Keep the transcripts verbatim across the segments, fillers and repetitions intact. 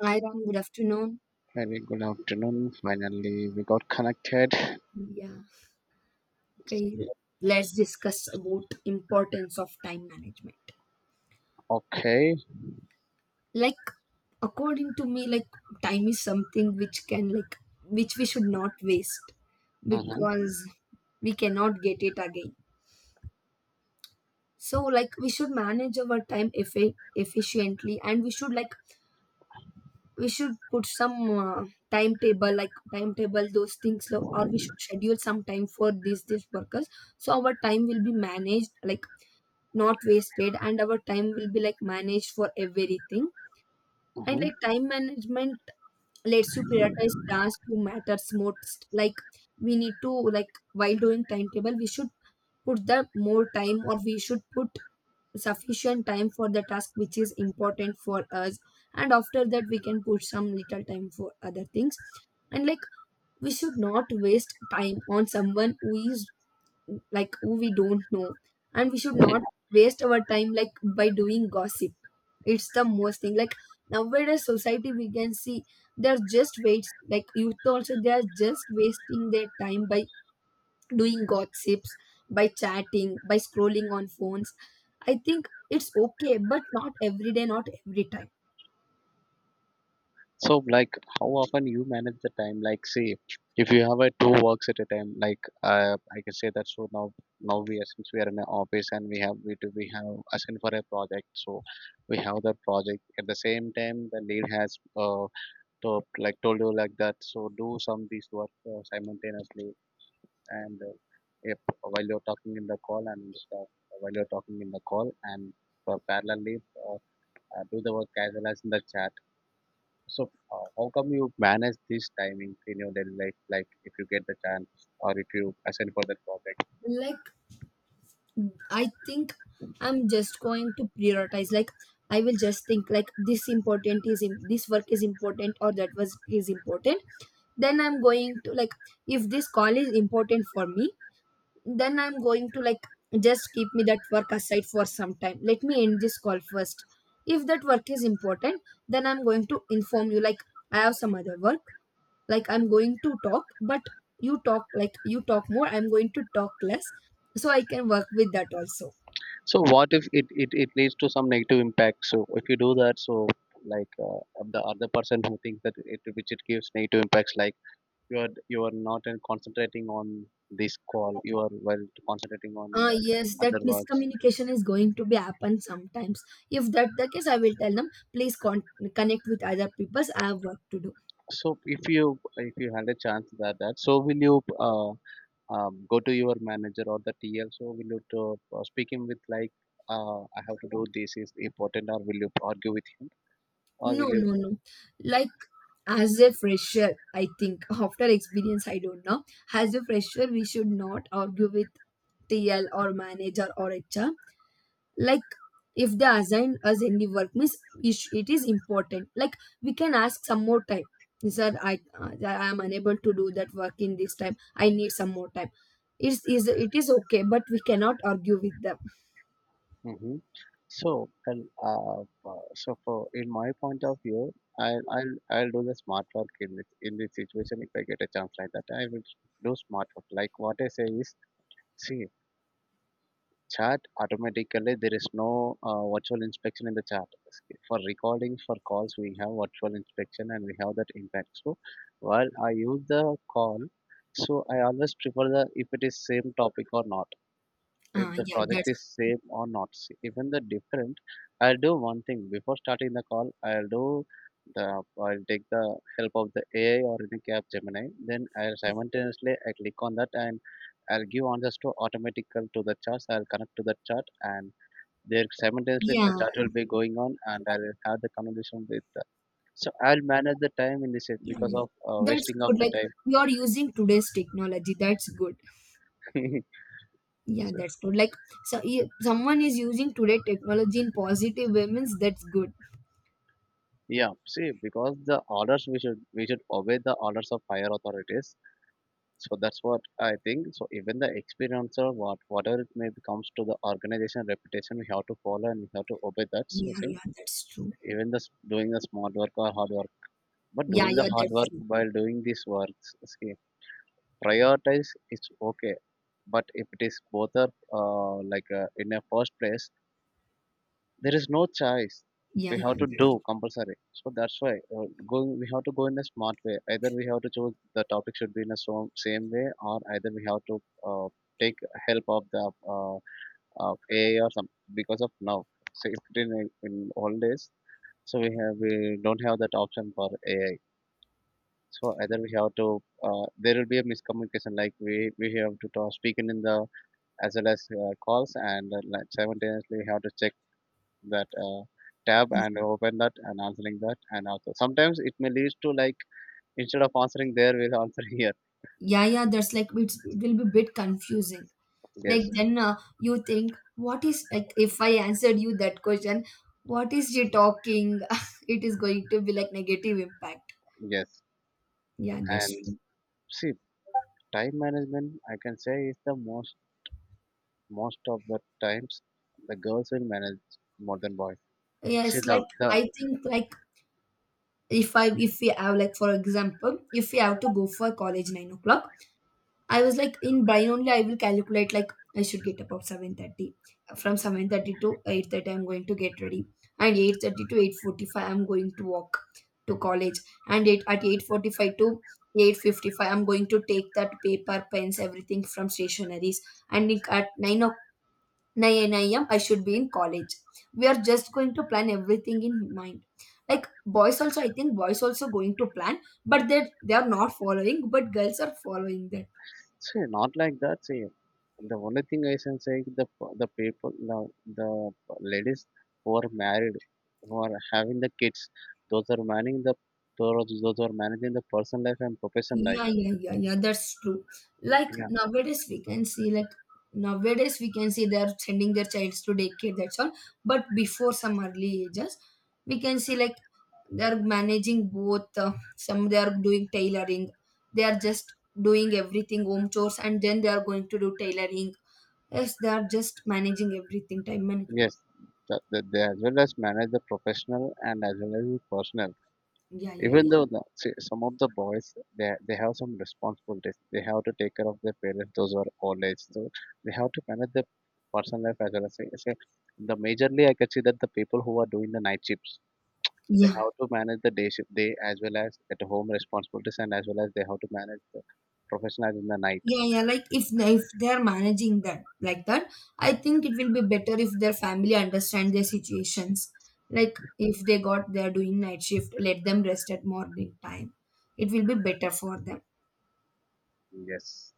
Hi Ram, good afternoon. Very good afternoon. Finally, we got connected. Yeah, okay. Let's discuss about importance of time management. Okay. Like According to me, like time is something which can like which we should not waste Mm-hmm. because we cannot get it again. So like we should manage our time effi- efficiently and we should like we should put some uh, timetable like timetable those things lo- or we should schedule some time for these these workers, so our time will be managed, like not wasted, and our time will be like managed for everything. And Mm-hmm. like time management lets you prioritize tasks who matters most. Like we need to like while doing timetable we should put the more time or we should put sufficient time for the task which is important for us, and after that we can put some little time for other things. And like we should not waste time on someone who is like who we don't know, and we should not waste our time like by doing gossip. It's the most thing like nowadays society we can see they're just waste, like youth also, they're just wasting their time by doing gossips, by chatting, by scrolling on phones. I think it's okay, but not every day, not every time. So, like, how often you manage the time? Like, see, if you have a two works at a time, like, uh, I can say that. So now, now we are since we are in an office and we have we do we have assigned for a project. So we have that project at the same time. The lead has uh to, like told you like that. So do some these work uh, simultaneously. And uh, Yep, while you're talking in the call and stuff, while you're talking in the call and uh, parallelly uh, uh, do the work as well as in the chat. So uh, how come you manage this timing in your daily life? Like if you get the chance or if you assign for that project. like I think I'm just going to prioritize. Like I will just think like this important is im- this work is important or that was is important. Then I'm going to like if this call is important for me, then I'm going to like just keep me that work aside for some time. Let me end this call first. If that work is important, then I'm going to inform you like I have some other work. Like I'm going to talk, but you talk like you talk more. I'm going to talk less, so I can work with that also. So what if it, it, it leads to some negative impact? So if you do that, so like uh, the other person who thinks that it which it gives negative impacts like you are you are not uh, concentrating on this call, you are well concentrating on Ah the yes, that other work. miscommunication is going to be happen sometimes. If that the case, I will tell them, please con- connect with other people. I have work to do. So if you if you had a chance that that, so will you uh, um, go to your manager or the T L? So will you to, uh, speak him with like uh, I have to do this is important, or will you argue with him, or No, will you? no, no. Like as a fresher, I think after experience, I don't know. As a fresher, we should not argue with T L or manager or H R. Like if they assign us any work means, ish- it is important. Like we can ask some more time. Sir, i uh, i am unable to do that work in this time, I need some more time. It's is it is okay, but we cannot argue with them. Hmm. So and uh, uh, so for in my point of view, I'll I'll I'll do the smart work in this in this situation if I get a chance like that. I will do smart work. Like what I say is, see, chat automatically there is no uh, virtual inspection in the chat. For recording for calls we have virtual inspection and we have that impact. So while I use the call, so I always prefer the if it is same topic or not, if Ah, the yeah, project is that's same or not, s- even the different. I'll do one thing before starting the call. I'll do the, I'll take the help of the AI or any cap Gemini. Then I'll simultaneously I click on that and I'll give answers to automatical to the charts. I'll connect to the chart and there simultaneously the yeah, chart will be going on and I'll have the conversation with the, so I'll manage the time in this way yeah, because of uh, that's wasting of good. the Like you are using today's technology, that's good. time. Yeah, that's good. Like so i- someone is using today technology in positive way means that's good. Yeah, see, because the orders we should we should obey the orders of higher authorities. So that's what I think. So even the experience or what whatever it may be comes to the organization reputation, we have to follow and we have to obey that. So Yeah, see, yeah, that's true. even the s- doing the smart work or hard work, but Yeah, doing the yeah, hard that's work true. while doing these works, see, prioritize is okay. But if it is both are uh, like uh, in a first place, there is no choice, Yeah, we yeah, have to do that's compulsory. So that's why uh, going we have to go in a smart way, either we have to choose the topic should be in a so, same way, or either we have to uh, take help of the uh, uh, AI or some, because of now, so if it in, in old days, so we have we don't have that option for AI. So either we have to uh, there will be a miscommunication, like we we have to talk, speak in the, as well as uh, calls and uh, like simultaneously we have to check that uh, tab and open that and answering that, and also sometimes it may lead to like instead of answering there we'll answer here. yeah, yeah, that's like it's, it will be a bit confusing. Like Yes, then uh, you think what is like if I answered you that question what is she talking it is going to be like negative impact. yes. Yeah, that's And true. see, time management I can say is the most, most of the times the girls will manage more than boys. Yeah, See it's the, like the I think like if I if we have like for example if we have to go for college nine o'clock, I was like in brain only I will calculate like I should get up at seven thirty. From seven thirty to eight thirty I'm going to get ready, and eight thirty to eight forty-five I'm going to walk to college, and it, at eight forty-five to eight fifty-five I'm going to take that paper pens everything from stationaries, and in- at nine o- nine a m. I should be in college. We are just going to plan everything in mind. Like boys also, I think boys also going to plan, but they they are not following, but girls are following that. see not like that See, the only thing I can say is the the people the, the ladies who are married, who are having the kids, those are managing the, those those are managing the personal life and professional Yeah, life. yeah, yeah, yeah. That's true. Like Yeah. nowadays, we can see like nowadays we can see they are sending their childs to daycare. That's all. But before some early ages, we can see like they are managing both. Uh, some they are doing tailoring. They are just doing everything home chores, and then they are going to do tailoring. Yes, they are just managing everything. Time management. Yes. The, the, the, as well as manage the professional and as well as the personal. Yeah, yeah, Even though the, see, some of the boys they they have some responsibilities, they have to take care of their parents. Those who are old age, so they have to manage their personal life as well as say, say the majorly. I can see that the people who are doing the night shifts, they yeah. have to manage the day shift, day as well as at home responsibilities, and as well as they have to manage the professional in the night. Yeah, yeah. Like if if they're managing that like that, I think it will be better if their family understand their situations. Like if they got they're doing night shift, let them rest at morning time. It will be better for them. Yes,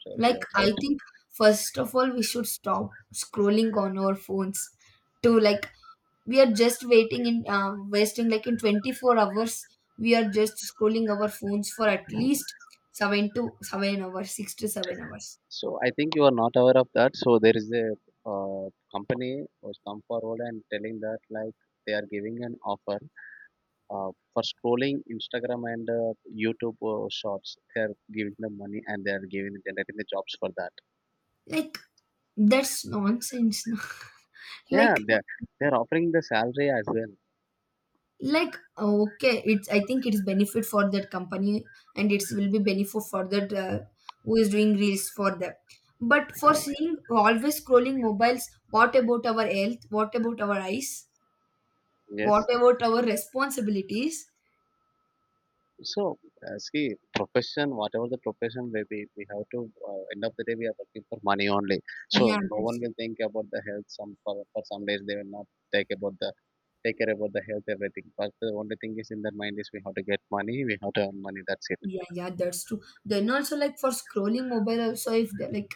so Like you're I right. think first of all we should stop scrolling on our phones to like we are just waiting in uh, wasting like in twenty-four hours, we are just scrolling our phones for at least seven to seven hours, six to seven hours. So I think you are not aware of that. So there is a uh, company was come forward and telling that like they are giving an offer uh, for scrolling Instagram and uh, YouTube uh, Shorts. They are giving them money and they are giving generating the jobs for that. like That's nonsense. Yeah, like they they are offering the salary as well. like uh, okay, it's I think it's benefit for that company and it will be benefit for that uh, who is doing reels for them. But for seeing always scrolling mobiles, what about our health? What about our eyes? Yes. What about our responsibilities? So, uh, see, profession, whatever the profession may be, we have to, uh, end of the day, we are working for money only. So, Yeah, no one that's, will think about the health. Some for, for some days, they will not take about the take care about the health, everything. But the only thing is in their mind is we have to get money, we have to earn money. That's it. yeah, yeah, that's true. Then also like for scrolling mobile also if they like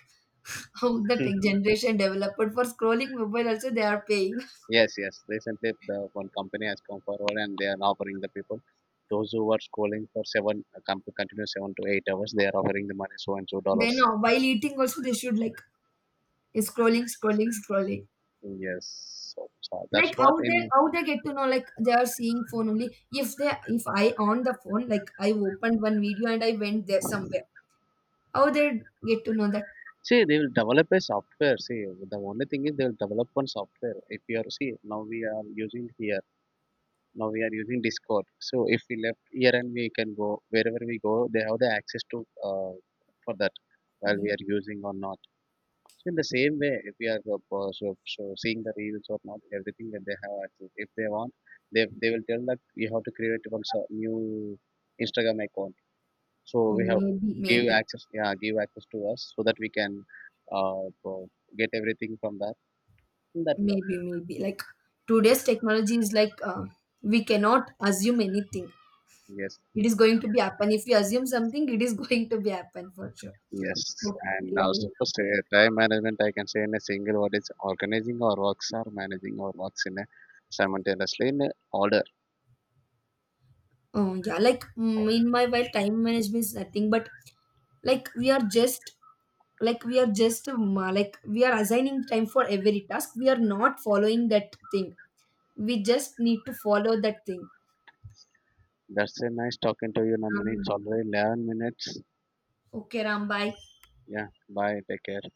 how the tech generation developed for scrolling mobile also they are paying. Yes, yes. Recently, the one company has come forward and they are offering the people those who were schooling for seven uh, com- continue seven to eight hours. They are offering the money so and so dollars. Then uh, while eating also they should like scrolling, scrolling, scrolling. Yes. So, so that's Like how what they in, how they get to know like they are seeing phone only. If they if I on the phone, like I opened one video and I went there somewhere. How they get to know that? see, they will develop a software. See, the only thing is they will develop one software. If you are, see now we are using here, now we are using Discord. So if we left here and we can go wherever we go, they have the access to uh, for that while Mm, we are using or not. So in the same way, if we are uh, po- so, so seeing the reels or not, everything that they have access. If they want, they they will tell that you have to create one so- new Instagram account, so oh, we have maybe, give maybe, access, yeah, give access to us so that we can uh, pro- get everything from that. maybe, maybe. Like today's technology is like uh, we cannot assume anything. Yes, It is going to be happen. If we assume something, it is going to be happen for sure. yes. And Okay. also first, uh, time management I can say in a single word it's organizing our works or managing our works in a simultaneously in a order. Oh yeah, like mm, in my while time management is nothing but like we are just like we are just um, uh, like we are assigning time for every task we are not following that thing, we just need to follow that thing. That's a nice talking to you Nandini, it's Um, already eleven minutes. okay Ram, bye. Yeah, bye, take care.